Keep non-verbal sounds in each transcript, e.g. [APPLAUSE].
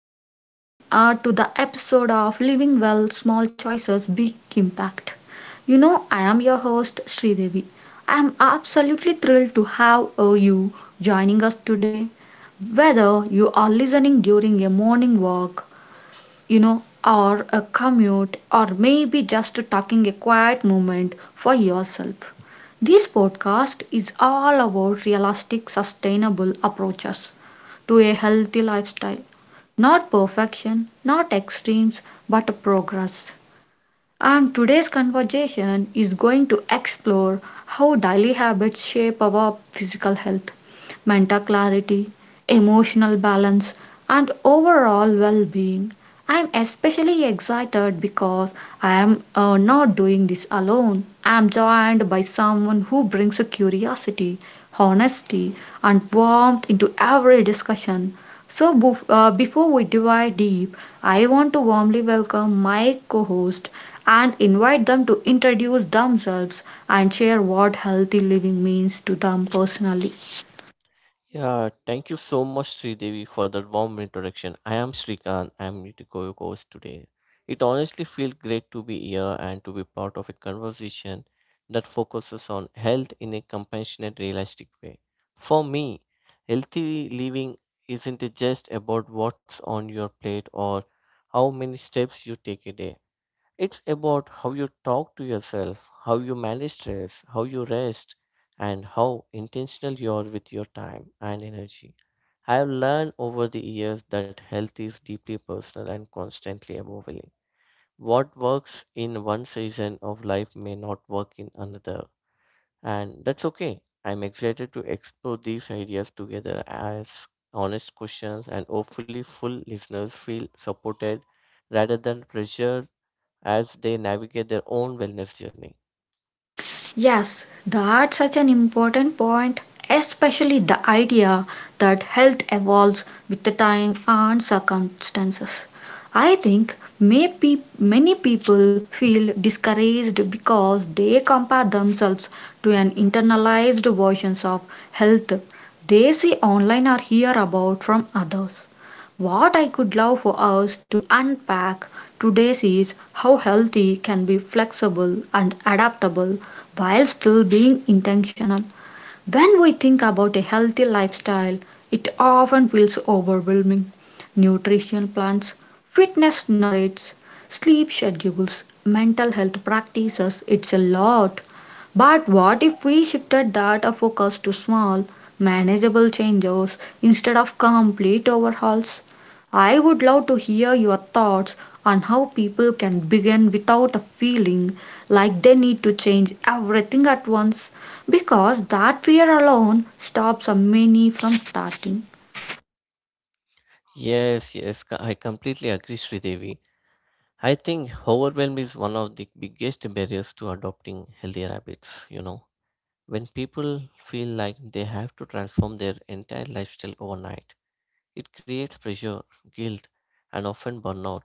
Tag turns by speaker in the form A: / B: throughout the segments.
A: welcome to the episode of Living Well Small Choices Big Impact. I am your host Sridevi. I am absolutely thrilled to have you joining us today. Whether you are listening during a morning walk, or a commute, or maybe just taking a quiet moment for yourself. This podcast is all about realistic, sustainable approaches to a healthy lifestyle. Not perfection, not extremes, but progress. And today's conversation is going to explore how daily habits shape our physical health, mental clarity, emotional balance, and overall well being. I'm especially excited because I'm not doing this alone. I'm joined by someone who brings a curiosity, honesty, and warmth into every discussion. So, before we dive deep, I want to warmly welcome my co host and invite them to introduce themselves and share what healthy living means to them personally.
B: Yeah, thank you so much, Sridevi, for the warm introduction. I am Srikant. I am your host today. It honestly feels great to be here and to be part of a conversation that focuses on health in a compassionate, realistic way. For me, healthy living isn't just about what's on your plate or how many steps you take a day. It's about how you talk to yourself, how you manage stress, how you rest, and how intentional you are with your time and energy. I have learned over the years that health is deeply personal and constantly evolving. What works in one season of life may not work in another, and that's okay. I'm excited to explore these ideas together as honest questions and hopefully full listeners feel supported rather than pressured as they navigate their own wellness journey.
A: Yes, that's such an important point, especially the idea that health evolves with the time and circumstances. I think many people feel discouraged because they compare themselves to an internalized versions of health they see online or hear about from others. What I could love for us to unpack today is how healthy can be flexible and adaptable while still being intentional. When we think about a healthy lifestyle, it often feels overwhelming. Nutrition plans, fitness diets, sleep schedules, mental health practices, it's a lot. But what if we shifted that our focus to small, manageable changes instead of complete overhauls? I would love to hear your thoughts on how people can begin without a feeling like they need to change everything at once. Because that fear alone stops many from starting.
B: Yes, yes, I completely agree, Sridevi. I think overwhelm is one of the biggest barriers to adopting healthier habits. You know, when people feel like they have to transform their entire lifestyle overnight, it creates pressure, guilt, and often burnout.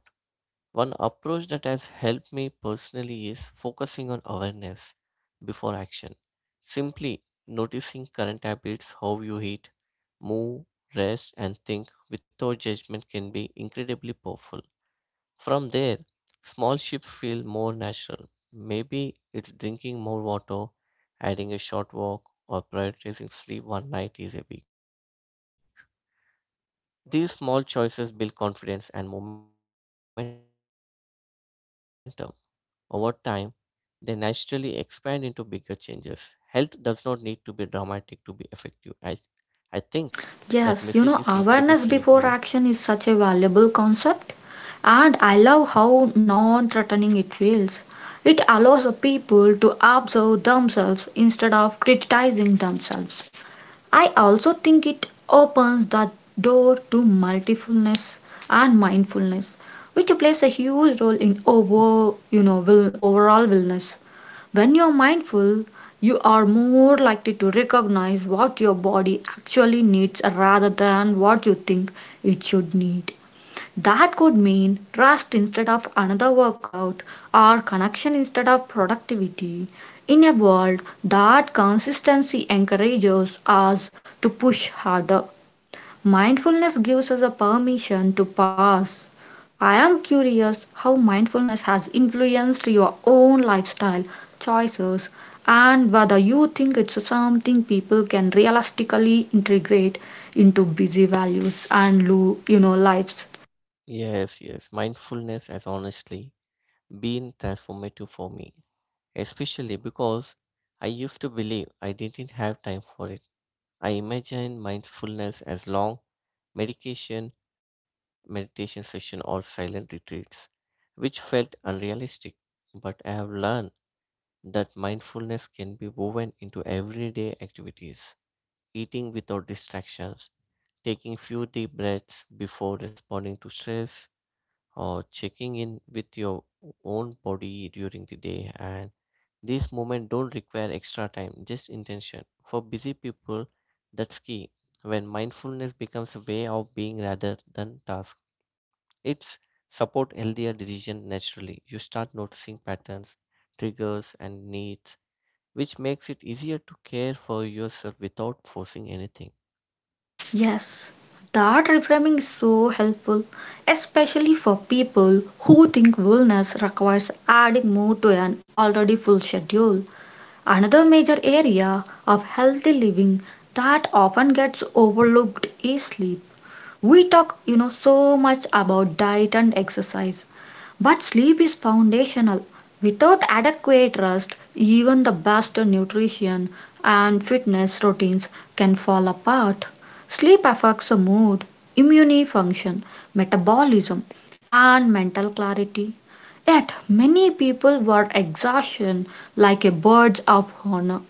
B: One approach that has helped me personally is focusing on awareness before action. Simply noticing current habits, how you eat, move, rest, and think without judgment can be incredibly powerful. From there, small shifts feel more natural. Maybe it's drinking more water, adding a short walk, or prioritizing sleep one night is a week. These small choices build confidence and momentum. Over time, they naturally expand into bigger changes. Health does not need to be dramatic to be effective. I think that message is incredibly freeing, you know.
A: Yes, awareness before action is such a valuable concept, and I love how non threatening it feels. It allows people to observe themselves instead of criticizing themselves. I also think it opens the door to mindfulness and mindfulness, which plays a huge role in overall wellness. When you're mindful, you are more likely to recognize what your body actually needs rather than what you think it should need. That could mean rest instead of another workout or connection instead of productivity. In a world that consistency encourages us to push harder, mindfulness gives us a permission to pause. I am curious how mindfulness has influenced your own lifestyle choices and whether you think it's something people can realistically integrate into busy values and lives.
B: Yes, yes. Mindfulness has honestly been transformative for me, especially because I used to believe I didn't have time for it. I imagined mindfulness as long medication, meditation session or silent retreats, which felt unrealistic. But I have learned that mindfulness can be woven into everyday activities, eating without distractions, taking few deep breaths before responding to stress, or checking in with your own body during the day. And these moments don't require extra time, just intention. For busy people, that's key. When mindfulness becomes a way of being rather than task, it's support healthier decision naturally. You start noticing patterns, triggers, and needs which makes it easier to care for yourself without forcing anything.
A: Yes, that reframing is so helpful, especially for people who think wellness requires adding more to an already full schedule. Another major area of healthy living that often gets overlooked is sleep. We talk, so much about diet and exercise, but sleep is foundational. Without adequate rest, even the best nutrition and fitness routines can fall apart. Sleep affects the mood, immune function, metabolism, and mental clarity. Yet, many people were exhaustion like a birds of honor.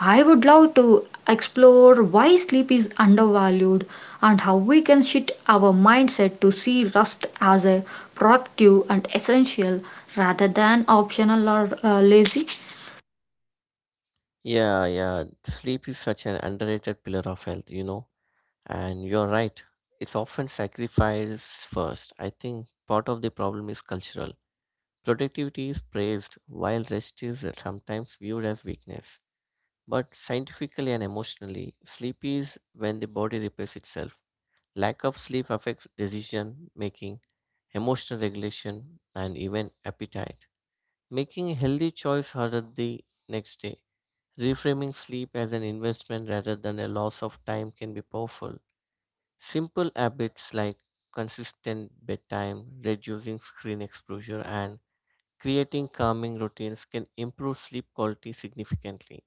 A: I would love to explore why sleep is undervalued and how we can shift our mindset to see rest as a productive and essential rather than optional or lazy.
B: Yeah, yeah. Sleep is such an underrated pillar of health, you know, and you're right. It's often sacrificed first. I think part of the problem is cultural. Productivity is praised while rest is sometimes viewed as weakness. But scientifically and emotionally, sleep is when the body repairs itself. Lack of sleep affects decision making, emotional regulation, and even appetite. Making a healthy choice harder the next day. Reframing sleep as an investment rather than a loss of time can be powerful. Simple habits like consistent bedtime, reducing screen exposure, and creating calming routines can improve sleep quality significantly.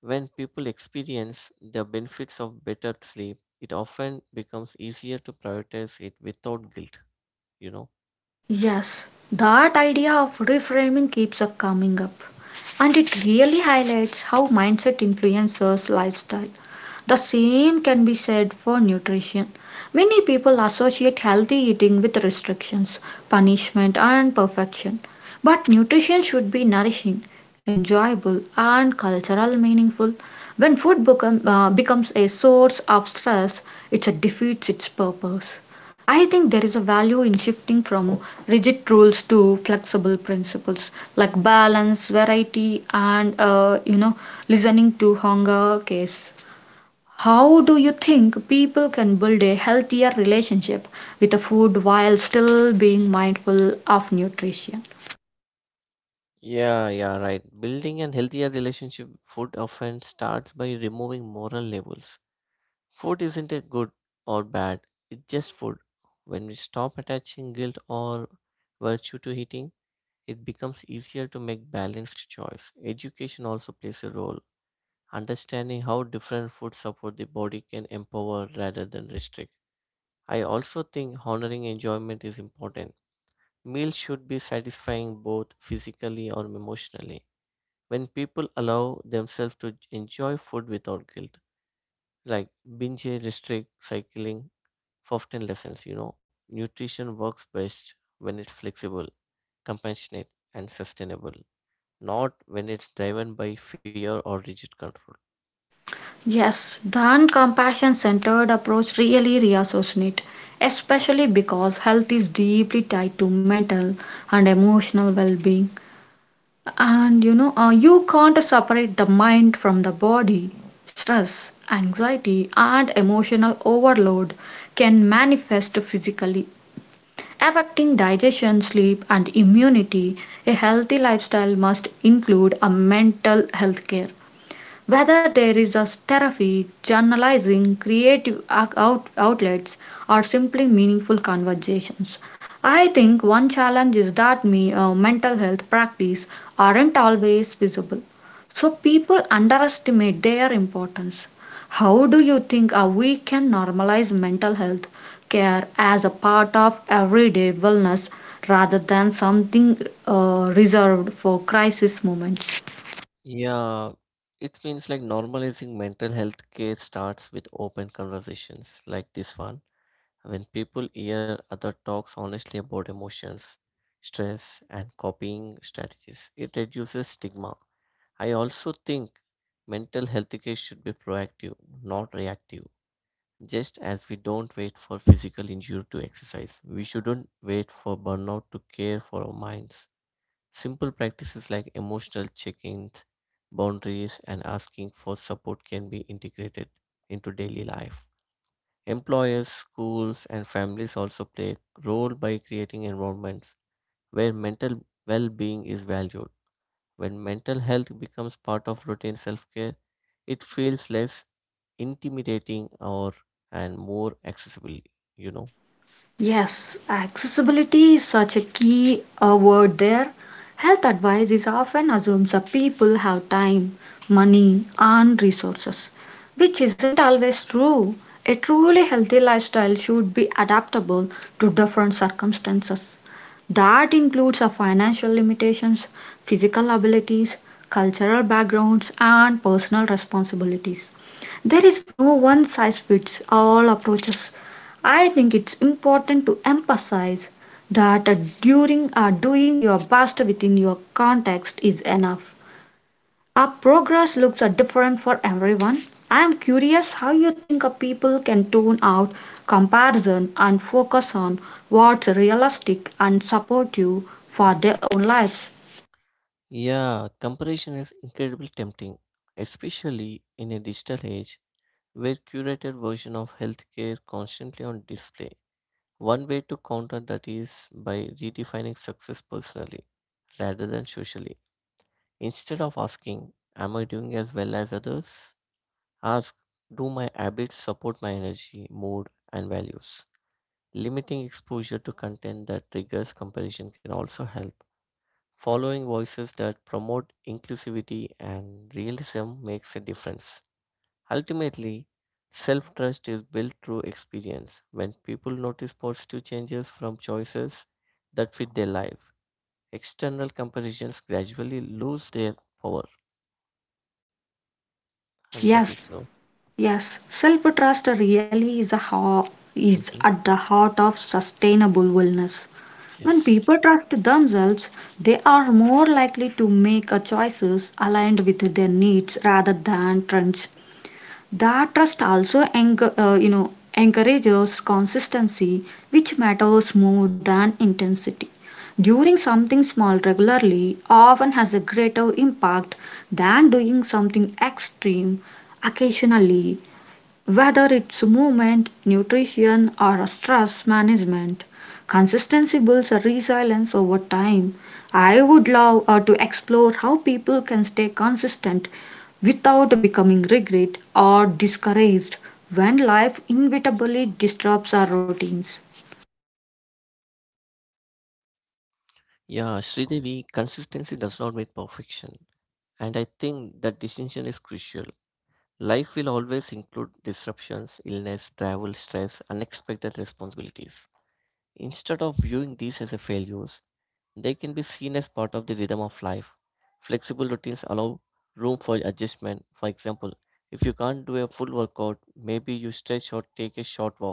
B: When people experience the benefits of better sleep, it often becomes easier to prioritize it without guilt, you know.
A: Yes, that idea of reframing keeps up coming up, and it really highlights how mindset influences lifestyle. The same can be said for nutrition. Many people associate healthy eating with restrictions, punishment, and perfection. But nutrition should be nourishing, enjoyable, and cultural meaningful. When becomes a source of stress, it defeats its purpose. I think there is a value in shifting from rigid rules to flexible principles like balance, variety, and listening to hunger case. How do you think people can build a healthier relationship with the food while still being mindful of nutrition?
B: Yeah, yeah, right. Building an healthier relationship with food often starts by removing moral labels. Food isn't a good or bad, it's just food. When we stop attaching guilt or virtue to eating, it becomes easier to make balanced choice. Education also plays a role. Understanding how different foods support the body can empower rather than restrict. I also think honoring enjoyment is important. Meals should be satisfying both physically or emotionally when people allow themselves to enjoy food without guilt, like binge, restrict, cycling, for often lessons, you know. Nutrition works best when it's flexible, compassionate, and sustainable, not when it's driven by fear or rigid control.
A: Yes, the compassion centered approach really resonates, especially because health is deeply tied to mental and emotional well being. And you can't separate the mind from the body. Stress, anxiety, and emotional overload can manifest physically, affecting digestion, sleep, and immunity. A healthy lifestyle must include a mental health care whether there is a therapy, journalizing, creative outlets, or simply meaningful conversations. I think one challenge is that mental health practice aren't always visible. So people underestimate their importance. How do you think we can normalize mental health care as a part of everyday wellness rather than something reserved for crisis moments?
B: Yeah, it means like normalizing mental health care starts with open conversations like this one. When people hear other talks honestly about emotions, stress, and coping strategies, it reduces stigma. I also think mental health care should be proactive, not reactive. Just as we don't wait for physical injury to exercise, we shouldn't wait for burnout to care for our minds. Simple practices like emotional check ins, boundaries, and asking for support can be integrated into daily life. Employers, schools, and families also play a role by creating environments where mental well being is valued. When mental health becomes part of routine self care, it feels less intimidating or and more accessible, you know.
A: Yes, accessibility is such a key word there. Health advice is often assumes that people have time, money, and resources, which isn't always true. A truly healthy lifestyle should be adaptable to different circumstances. That includes our financial limitations, physical abilities, cultural backgrounds, and personal responsibilities. There is no one size fits all approaches. I think it's important to emphasize that during doing your best within your context is enough. Our progress looks different for everyone. I am curious how you think people can tune out comparison and focus on what's realistic and supportive for their own lives.
B: Yeah, comparison is incredibly tempting, especially in a digital age where curated version of healthcare constantly on display. One way to counter that is by redefining success personally rather than socially. Instead of asking, am I doing as well as others? Ask, do my habits support my energy, mood, and values? Limiting exposure to content that triggers comparison can also help. Following voices that promote inclusivity and realism makes a difference. Ultimately, self trust is built through experience. When people notice positive changes from choices that fit their life, external comparisons gradually lose their power, and that is
A: Yes,
B: no.
A: yes, self trust really is, is
B: Mhm.
A: at the heart of sustainable wellness. When
B: Yes.
A: people trust themselves, they are more likely to make a choices aligned with their needs rather than trends. That trust also encourages consistency, which matters more than intensity. Doing something small regularly often has a greater impact than doing something extreme occasionally. Whether it's movement, nutrition, or stress management, consistency builds a resilience over time. I would love to explore how people can stay consistent without becoming regret or discouraged when life inevitably disrupts our routines.
B: Yeah, Sridevi, consistency does not mean perfection. And I think that distinction is crucial. Life will always include disruptions, illness, travel, stress, unexpected responsibilities. Instead of viewing these as a failures, they can be seen as part of the rhythm of life. Flexible routines allow room for adjustment. For example, if you can't do a full workout, maybe you stretch or take a short walk.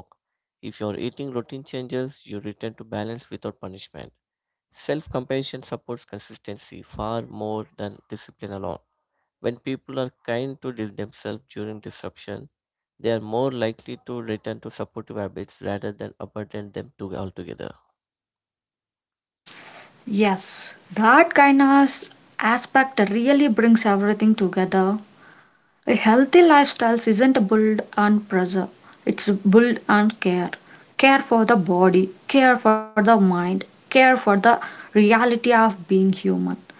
B: If your eating routine changes, you return to balance without punishment. Self compassion supports consistency far more than discipline alone. When people are kind to themselves during disruption, they are more likely to return to supportive habits rather than abandon them to altogether.
A: Yes, that kindness aspect really brings everything together. A healthy lifestyle isn't built on pressure, it's built on care. Care for the body, care for the mind, care for the reality of being human.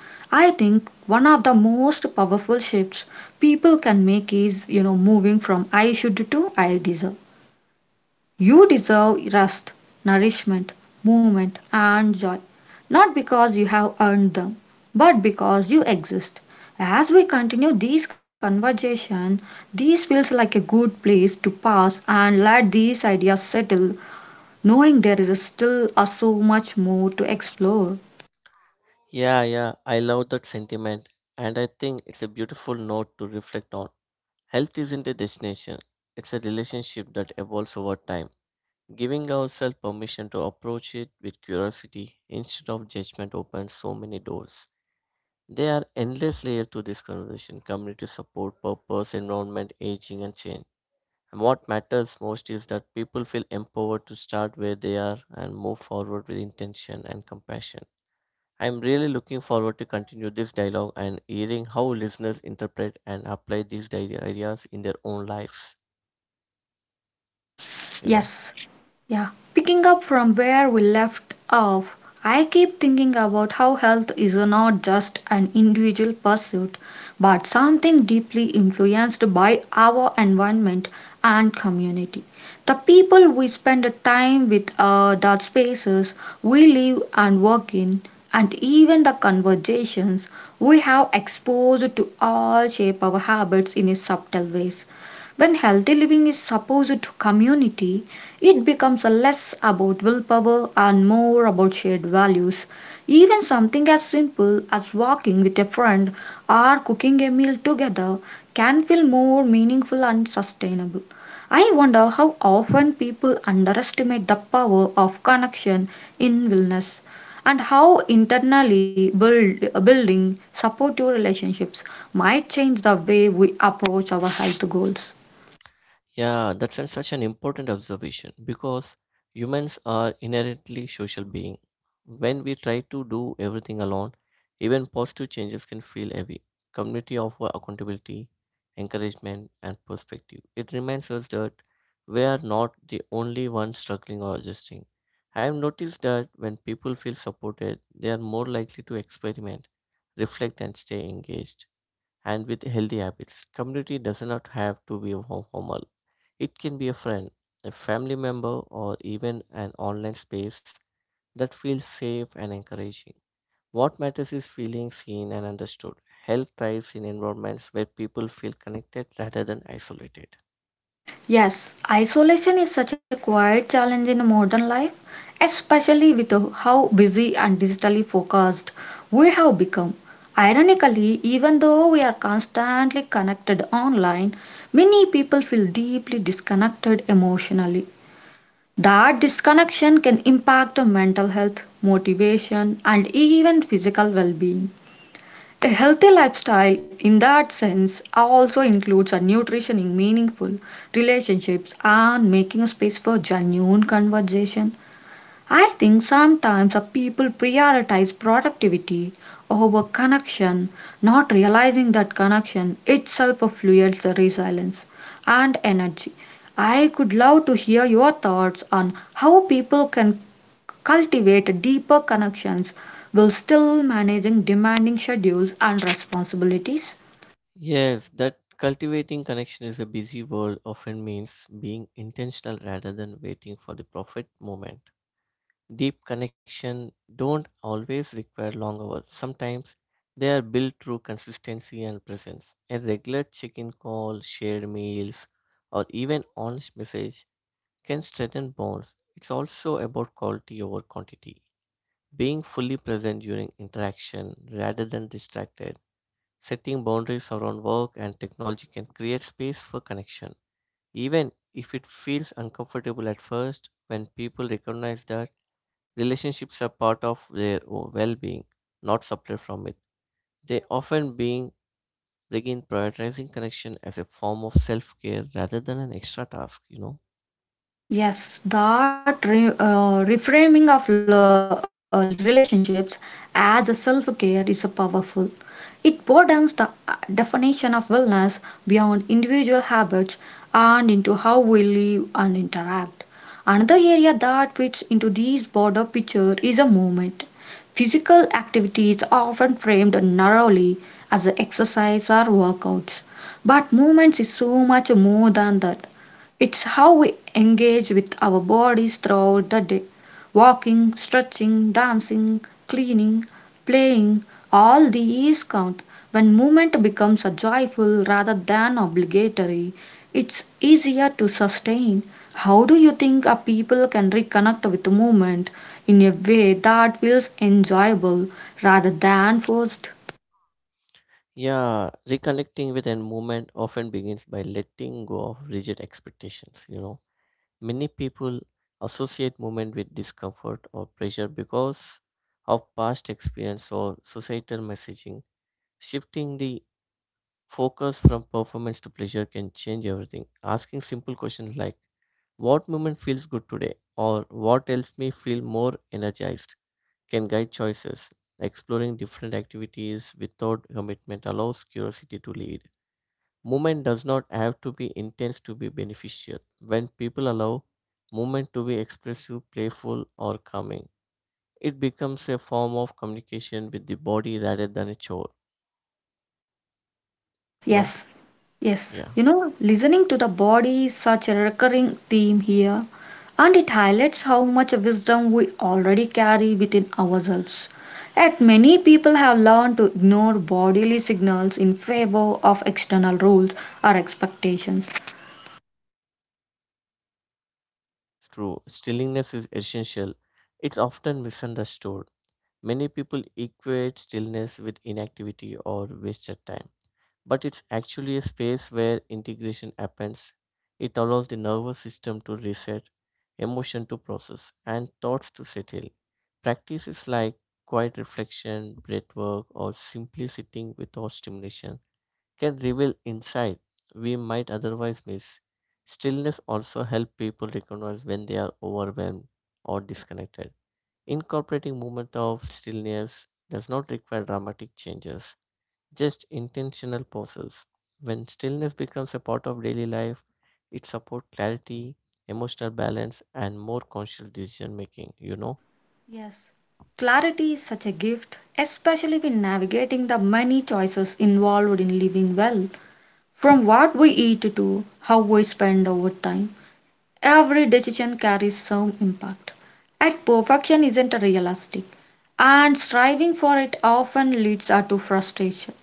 A: I think one of the most powerful shifts people can make is, moving from I should to I deserve. You deserve rest, nourishment, movement, and joy, not because you have earned them, but because you exist. As we continue these conversation, this feels like a good place to pause and let these ideas settle, knowing there is still so much more to explore.
B: Yeah, yeah, I love that sentiment, and I think it's a beautiful note to reflect on. Health isn't a destination, it's a relationship that evolves over time. Giving ourselves permission to approach it with curiosity instead of judgment opens so many doors. There are endless layers to this conversation community support, purpose, environment, aging, and change. And what matters most is that people feel empowered to start where they are and move forward with intention and compassion. I'm really looking forward to continue this dialogue and hearing how listeners interpret and apply these ideas in their own lives, you know.
A: Yes, yeah, picking up from where we left off, I keep thinking about how health is not just an individual pursuit, but something deeply influenced by our environment and community. The people we spend time with, the spaces we live and work in, and even the conversations we have exposed to all shape our habits in subtle ways. When healthy living is supposed to community, it becomes a less about willpower and more about shared values. Even something as simple as walking with a friend or cooking a meal together can feel more meaningful and sustainable. I wonder how often people underestimate the power of connection in wellness, and how internally building supportive relationships might change the way we approach our health goals.
B: Yeah, such an important observation because humans are inherently social beings. When we try to do everything alone, even positive changes can feel heavy. Community offer accountability, encouragement, and perspective. It reminds us that we are not the only ones struggling or adjusting. I have noticed that when people feel supported, they are more likely to experiment, reflect, and stay engaged. And with healthy habits, community does not have to be formal, it can be a friend, a family member, or even an online space that feels safe and encouraging. What matters is feeling seen and understood. Health thrives in environments where people feel connected rather than isolated.
A: Yes, isolation is such a quiet challenge in modern life, especially with how busy and digitally focused we have become. Ironically, even though we are constantly connected online, many people feel deeply disconnected emotionally. That disconnection can impact on mental health, motivation, and even physical well being. A healthy lifestyle, in that sense, also includes a nutrition in meaningful relationships and making space for genuine conversation. I think sometimes a people prioritize productivity over connection, not realizing that connection itself fuels the resilience and energy. I could love to hear your thoughts on how people can cultivate deeper connections while still managing demanding schedules and responsibilities.
B: Yes, that cultivating connection is a busy world often means being intentional rather than waiting for the perfect moment. Deep connection don't always require long hours. Sometimes they are built through consistency and presence. A regular check-in call, shared meals, or even honest message can strengthen bonds. It's also about quality over quantity. Being fully present during interaction rather than distracted. Setting boundaries around work and technology can create space for connection. Even if it feels uncomfortable at first, when people recognize that relationships are part of their well-being, not separate from it, they often being begin prioritizing connection as a form of self-care rather than an extra task, you know.
A: Yes, that reframing of relationships as a self care is a powerful. It broadens the definition of wellness beyond individual habits and into how we live and interact. Another area that fits into this broader picture is a movement. Physical activity is often framed narrowly as exercise or workouts, but movement is so much more than that. It's how we engage with our bodies throughout the day. Walking, stretching, dancing, cleaning, playing, all these count. When movement becomes a joyful rather than obligatory, it's easier to sustain. How do you think a people can reconnect with movement in a way that feels enjoyable rather than forced?
B: Yeah, reconnecting with an movement often begins by letting go of rigid expectations, you know. Many people associate movement with discomfort or pressure because of past experience or societal messaging. Shifting the focus from performance to pleasure can change everything. Asking simple questions like, what moment feels good today? Or what helps me feel more energized? Can guide choices. Exploring different activities without commitment allows curiosity to lead. Movement does not have to be intense to be beneficial. When people allow movement to be expressive, playful, or calming, it becomes a form of communication with the body rather than a chore. You know?
A: Yes, yes.
B: Yeah.
A: Listening to the body is such a recurring theme here, and it highlights how much wisdom we already carry within ourselves. Yet many people have learned to ignore bodily signals in favor of external rules or expectations.
B: True, stillness is essential. It's often misunderstood. Many people equate stillness with inactivity or wasted time, but it's actually a space where integration happens. It allows the nervous system to reset, emotion to process, and thoughts to settle. Practices like quiet reflection, breath work, or simply sitting without stimulation can reveal insight we might otherwise miss. Stillness also helps people recognize when they are overwhelmed or disconnected. Incorporating moment of stillness does not require dramatic changes, just intentional pauses. When stillness becomes a part of daily life, it supports clarity, emotional balance, and more conscious decision making, you know?
A: Yes, clarity is such a gift, especially when navigating the many choices involved in living well, from what we eat to how we spend our time. Every decision carries some impact. At perfection isn't realistic, and striving for it often leads to frustration.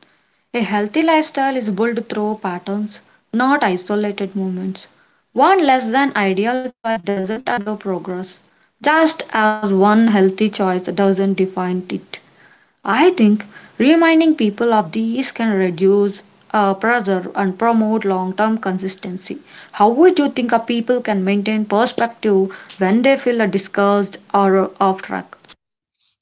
A: A healthy lifestyle is built through patterns, not isolated moments. One less than ideal choice doesn't undo progress, just as one healthy choice doesn't define it. I think reminding people of these can reduce pressure and promote long term consistency. How would you think a people can maintain perspective when they feel discouraged or off track?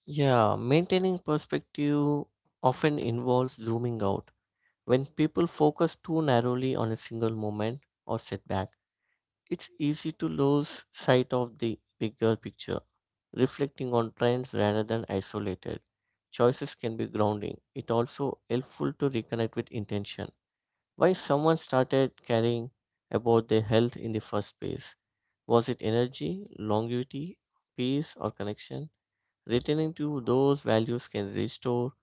B: Yeah, maintaining perspective often involves zooming out. When people focus too narrowly on a single moment or setback, it's easy to lose sight of the bigger picture. Reflecting on trends rather than isolated choices can be grounding. It also helpful to reconnect with intention. Why someone started caring about their health in the first place? Was it energy, longevity, peace, or connection? Returning to those values can restore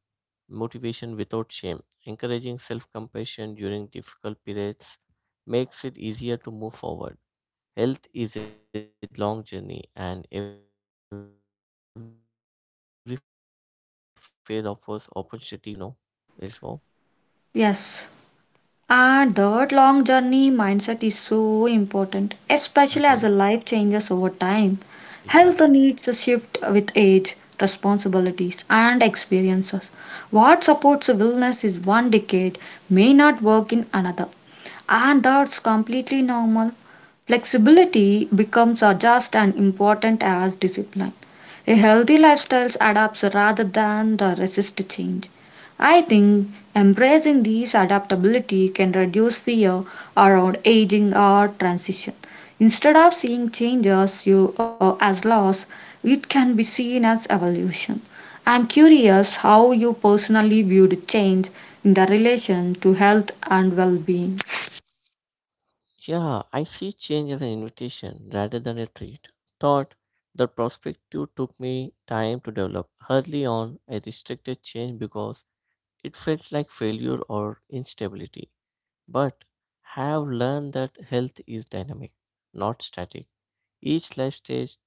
B: motivation without shame. Encouraging self compassion during difficult periods makes it easier to move forward. Health is a long journey, and every phase offers opportunity for learning and adjustment. You know, is well.
A: Yes. And that long journey mindset is so important, especially as a
B: Mhm.
A: life changes over time. Health
B: Yeah.
A: needs a shift with age, responsibilities, and experiences. What supports wellness is one decade may not work in another, and that's completely normal. Flexibility becomes just as important as discipline. A healthy lifestyle adapts rather than the resist change. I think embracing this adaptability can reduce fear around aging or transition. Instead of seeing change as, as loss, it can be seen as evolution. I'm curious how you personally viewed change in the relation to health and well being.
B: Yeah, I see change as an invitation rather than a treat. Thought the perspective took me time to develop. Early on, I restricted change because it felt like failure or instability, but have learned that health is dynamic, not static. Each life stage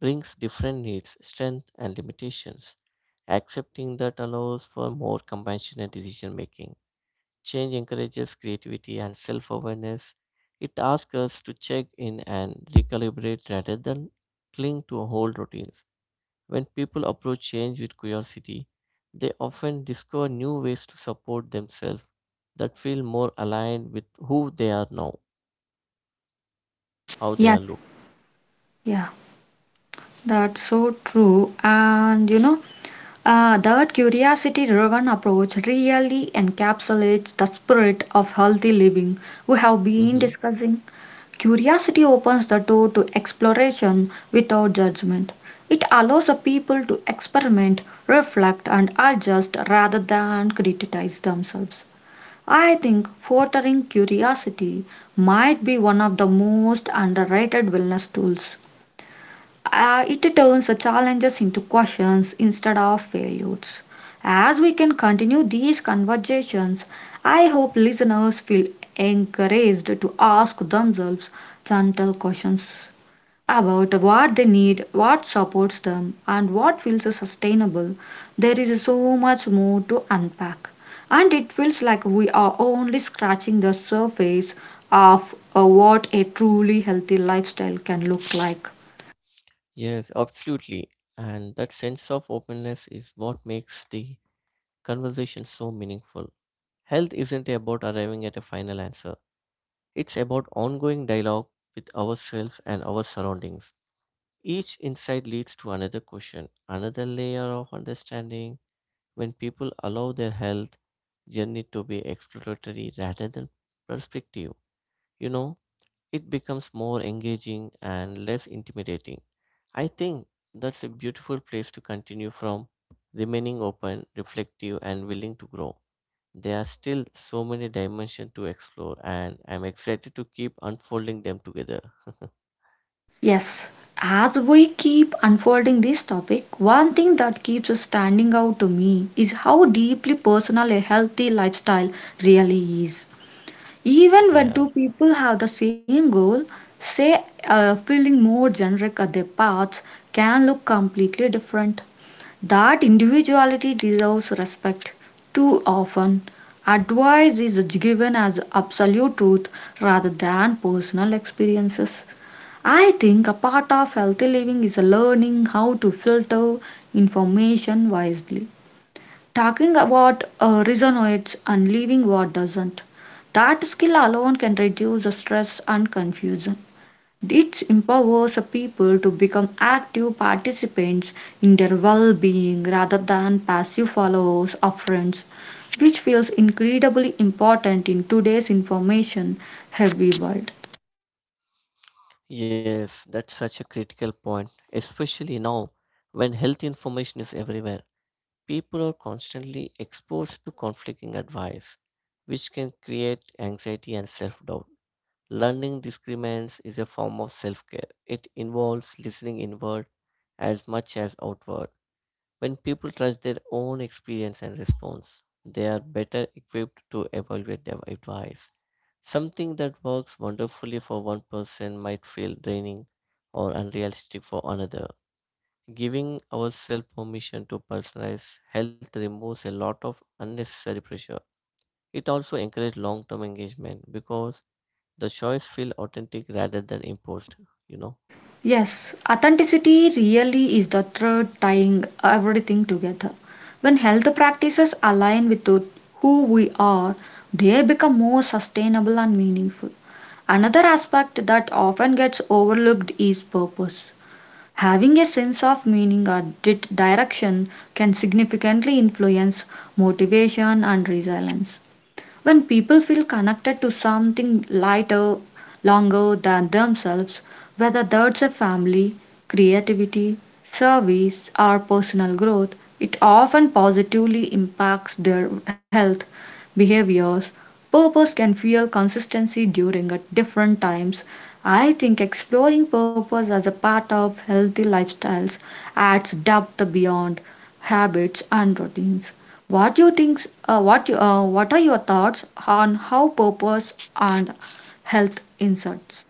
B: brings different needs, strengths, and limitations. Accepting that allows for more compassionate decision making. Change encourages creativity and self awareness. It asks us to check in and recalibrate rather than cling to old routines. When people approach change with curiosity, they often discover new ways to support themselves that feel more aligned with who they are now, how they
A: Yes.
B: are look.
A: Yeah. That's so true. And you know, that curiosity driven approach really encapsulates the spirit of healthy living we have
B: Hmm.
A: been discussing. Curiosity opens the door to exploration without judgment. It allows the people to experiment, reflect, and adjust rather than criticize themselves. I think fostering curiosity might be one of the most underrated wellness tools. It turns the challenges into questions instead of failures. As we can continue these conversations, I hope listeners feel encouraged to ask themselves gentle questions about what they need, what supports them, and what feels sustainable. There is so much more to unpack, and it feels like we are only scratching the surface of what a truly healthy lifestyle can look like.
B: Yes, absolutely. And that sense of openness is what makes the conversation so meaningful. Health isn't about arriving at a final answer. It's about ongoing dialogue with ourselves and our surroundings. Each insight leads to another question, another layer of understanding. When people allow their health journey to be exploratory rather than perspective, you know, it becomes more engaging and less intimidating. I think that's a beautiful place to continue from, remaining open, reflective, and willing to grow. There are still so many dimensions to explore, and I'm excited to keep unfolding them together. [LAUGHS]
A: Yes, as we keep unfolding this topic, one thing that keeps standing out to me is how deeply personal a healthy lifestyle really is. Even when
B: Yeah.
A: two people have the same goal, say feeling more generic at their paths can look completely different. That individuality deserves respect. Too often, advice is given as absolute truth rather than personal experiences. I think a part of healthy living is learning how to filter information wisely, talking about resonates and leaving what doesn't. That skill alone can reduce the stress and confusion. It empowers people to become active participants in their well being rather than passive followers of friends, which feels incredibly important in today's information heavy world.
B: Yes, that's such a critical point, especially now when health information is everywhere. People are constantly exposed to conflicting advice, which can create anxiety and self doubt. Learning disagreements is a form of self care. It involves listening inward as much as outward. When people trust their own experience and response, they are better equipped to evaluate their advice. Something that works wonderfully for one person might feel draining or unrealistic for another. Giving ourselves permission to personalize health removes a lot of unnecessary pressure. It also encourages long-term engagement because the choice feels authentic rather than imposed, you know.
A: Yes, authenticity really is the thread tying everything together. When health practices align with who we are, they become more sustainable and meaningful. Another aspect that often gets overlooked is purpose. Having a sense of meaning or direction can significantly influence motivation and resilience. When people feel connected to something lighter, longer than themselves, whether that's a family, creativity, service, or personal growth, it often positively impacts their health, behaviors, Purpose can fuel consistency during at different times. I think exploring purpose as a part of healthy lifestyles adds depth beyond habits and routines. What do you think? What are your thoughts on how purpose and health inserts?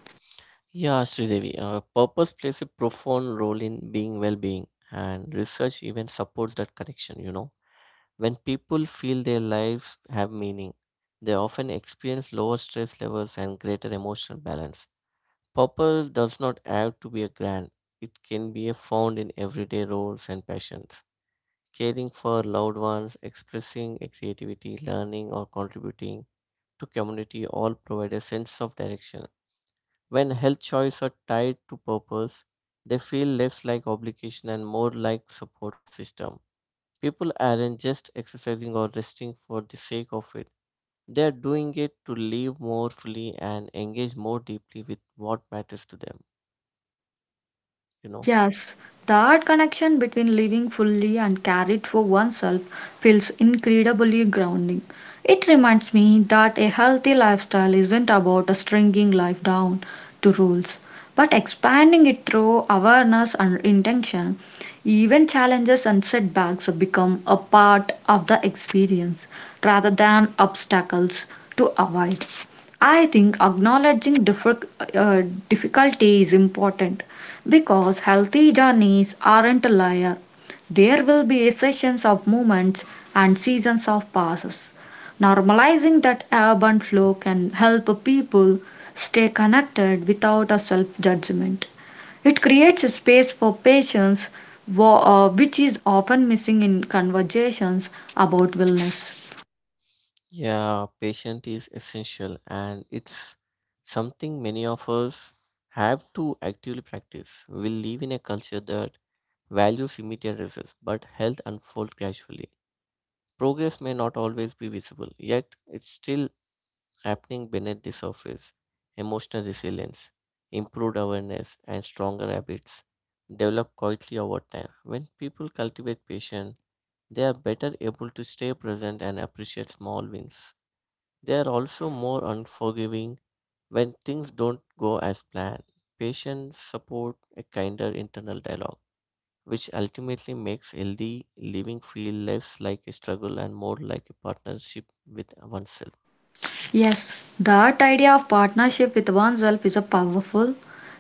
B: Yeah, Sridevi, purpose plays a profound role in being well-being and research even supports that connection, you know. When people feel their lives have meaning, they often experience lower stress levels and greater emotional balance. Purpose does not have to be a grand, it can be found in everyday roles and passions. Caring for loved ones, expressing creativity, learning, or contributing to community all provide a sense of direction. When health choices are tied to purpose, they feel less like obligation and more like support system. People aren't just exercising or resting for the sake of it. They are doing it to live more fully and engage more deeply with what matters to them, you know.
A: Yes, that connection between living fully and care it for oneself feels incredibly grounding. It reminds me that a healthy lifestyle isn't about stringing life down to rules, but expanding it through awareness and intention. Even challenges and setbacks become a part of the experience rather than obstacles to avoid. I think acknowledging uh, difficulty is important because healthy journeys aren't a liar. There will be sessions of moments and seasons of passes. Normalizing that ebb and flow can help people stay connected without a self judgment. It creates a space for patience, which is often missing in conversations about wellness.
B: Yeah, patience is essential and it's something many of us have to actively practice. We live in a culture that values immediate results, but health unfolds gradually. Progress may not always be visible, yet it's still happening beneath the surface. Emotional resilience, improved awareness, and stronger habits develop quietly over time. When people cultivate patience, they are better able to stay present and appreciate small wins. They are also more unforgiving when things don't go as planned. Patients support a kinder internal dialogue, which ultimately makes healthy living feel less like a struggle and more like a partnership with oneself.
A: Yes, that idea of partnership with oneself is a powerful.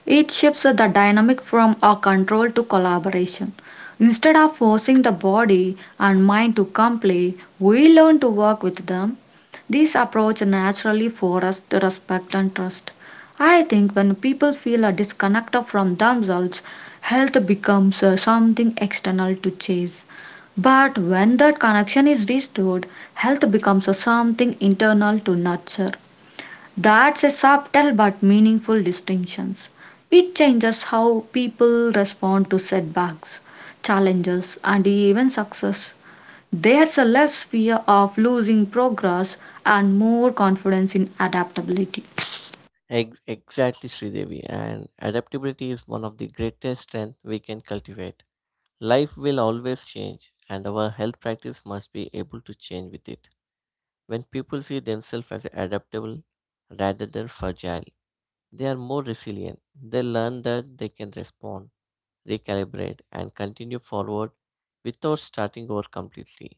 A: It shifts the dynamic from a control to collaboration. Instead of forcing the body and mind to comply, we learn to work with them. This approach naturally for us to respect and trust. I think when people feel a disconnect from themselves, health becomes something external to chase. But when that connection is restored, health becomes a something internal to nurture. That's a subtle but meaningful distinction. It changes how people respond to setbacks, challenges, and even success. There's a less fear of losing progress and more confidence in adaptability.
B: Exactly, Sridevi. And adaptability is one of the greatest strengths we can cultivate. Life will always change, and our health practice must be able to change with it. When people see themselves as adaptable rather than fragile, they are more resilient. They learn that they can respond, recalibrate, and continue forward without starting over completely.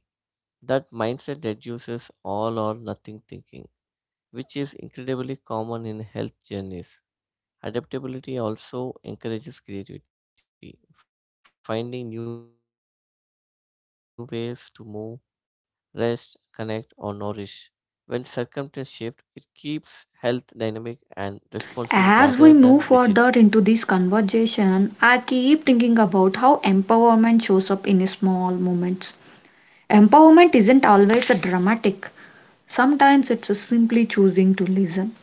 B: That mindset reduces all or nothing thinking, which is incredibly common in health journeys. Adaptability also encourages creativity, finding new ways to move, rest, connect, or nourish. When circumstances shift, it keeps health dynamic and responsive rather than rigid.
A: As we move further into this conversation, I keep thinking about how empowerment shows up in small moments. Empowerment isn't always a dramatic. Sometimes it's a simply choosing to listen,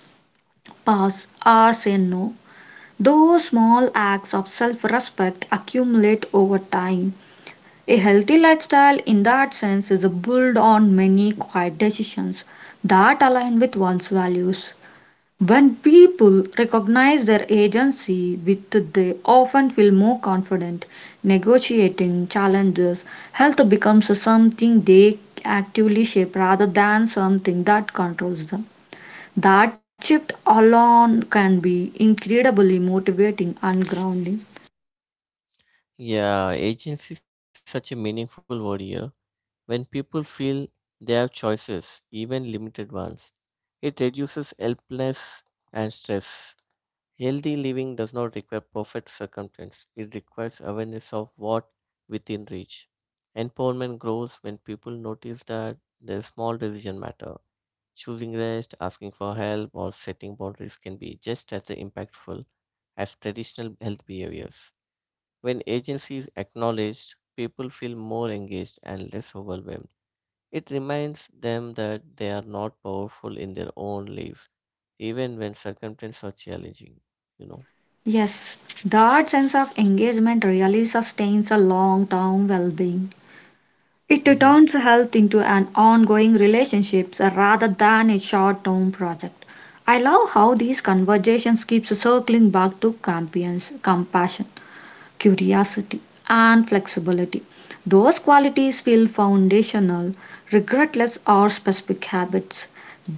A: pass, or say no. Those small acts of self respect accumulate over time. A healthy lifestyle, in that sense, is a build on many quiet decisions that align with one's values. When people recognize their agency with they often feel more confident negotiating challenges. Health becomes something they actively shape rather than something that controls them. That shift alone can be incredibly motivating and grounding.
B: Yeah, agency is such a meaningful word here. When people feel they have choices, even limited ones, it reduces helplessness and stress. Healthy living does not require perfect circumstance, it requires awareness of what within reach. Empowerment grows when people notice that their small decisions matter. Choosing rest, asking for help, or setting boundaries can be just as impactful as traditional health behaviors. When agency is acknowledged, people feel more engaged and less overwhelmed. It reminds them that they are not powerful in their own lives, even when circumstances are challenging, you know.
A: Yes, that sense of engagement really sustains a long term well being. It
B: Hmm.
A: turns health into an ongoing relationship rather than a short-term project. I love how these conversations keeps circling back to compassion. Compassion, curiosity, and flexibility. Those qualities feel foundational, regardless of specific habits.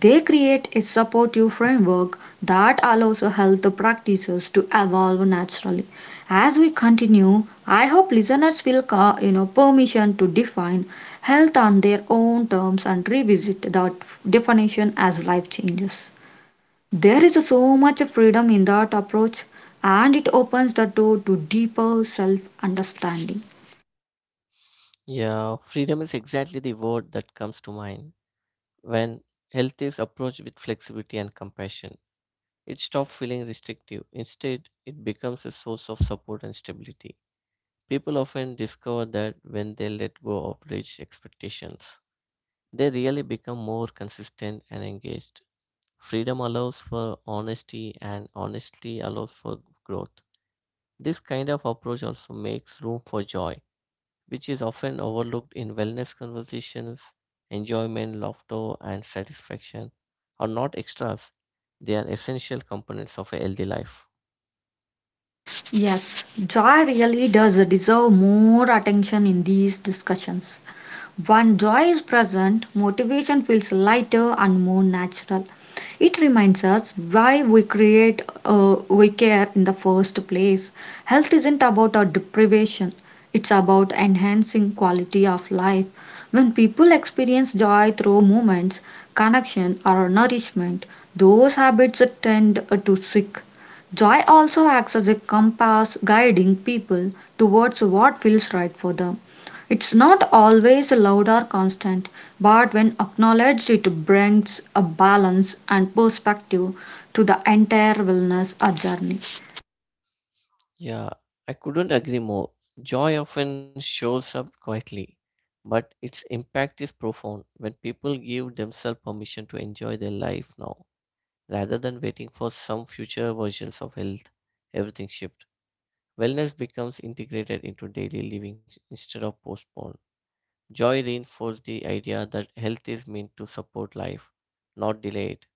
A: They create a supportive framework that allows health practices to evolve naturally. As we continue, I hope listeners will, permission to define health on their own terms and revisit that definition as life changes. There is so much freedom in that approach, and it opens the door to deeper self understanding.
B: Yeah, freedom is exactly the word that comes to mind when health is approached with flexibility and compassion. It stops feeling restrictive. Instead, it becomes a source of support and stability. People often discover that when they let go of rigid expectations, they really become more consistent and engaged. Freedom allows for honesty, and honesty allows for growth. This kind of approach also makes room for joy, which is often overlooked in wellness conversations. Enjoyment, laughter, and satisfaction are not extras, they are essential components of a healthy life.
A: Yes, joy really does deserve more attention in these discussions. When joy is present, motivation feels lighter and more natural. It reminds us why we we care in the first place. Health isn't about a deprivation, it's about enhancing quality of life. When people experience joy through movements, connection, or nourishment, those habits tend to stick. Joy also acts as a compass guiding people towards what feels right for them. It's not always loud or constant, but when acknowledged, it brings a balance and perspective to the entire wellness journey.
B: Yeah, I couldn't agree more. Joy often shows up quietly, but its impact is profound when people give themselves permission to enjoy their life now. Rather than waiting for some future versions of health, everything shifts. Wellness becomes integrated into daily living instead of postponed. Joy reinforced the idea that health is meant to support life, not delay it.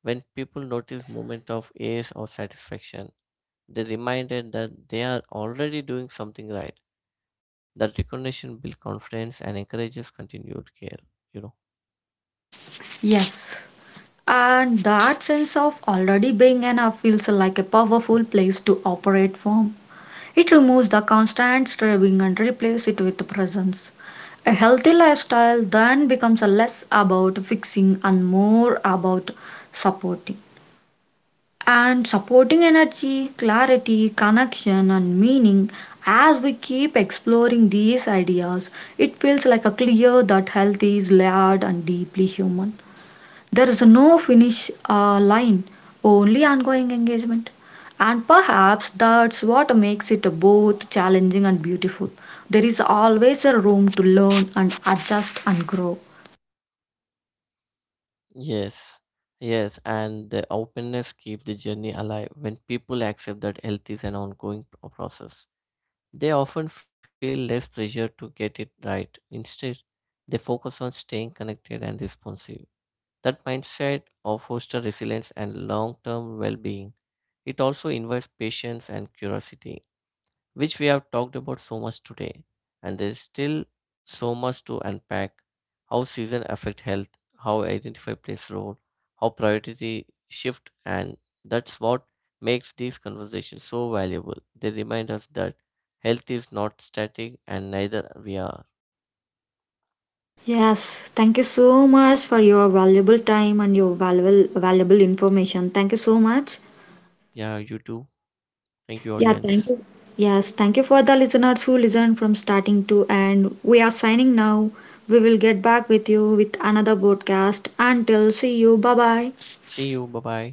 B: When people notice moments of ease or satisfaction, they're reminded that they are already doing something right. That recognition builds confidence and encourages continued care, you know.
A: Yes. And that sense of already being enough feels like a powerful place to operate from. It removes the constant striving and replaces it with presence. A healthy lifestyle then becomes less about fixing and more about supporting. And supporting energy, clarity, connection, and meaning. As we keep exploring these ideas, it feels like a clear that health is layered and deeply human. There is no finish line, only ongoing engagement. And perhaps that's what makes it both challenging and beautiful. There is always a room to learn and adjust and grow.
B: Yes, yes, and the openness keep the journey alive. When people accept that health is an ongoing process, they often feel less pressure to get it right. Instead, they focus on staying connected and responsive. That mindset of foster resilience and long-term well-being. It also invites patience and curiosity which we have talked about so much today, and there is still so much to unpack how season affect health, how identify plays role, how priority shift, and that's what makes these conversations so valuable. They remind us that health is not static and neither we are.
A: Yes, thank you so much for your valuable time and your valuable valuable information. Thank you so much.
B: Yeah, you too. Thank you,
A: Yeah,
B: audience.
A: thank you. Yes, thank you for the listeners who listened from starting to end. We are signing now. We will get back with you with another broadcast. Until see you. Bye bye.
B: See you. Bye bye.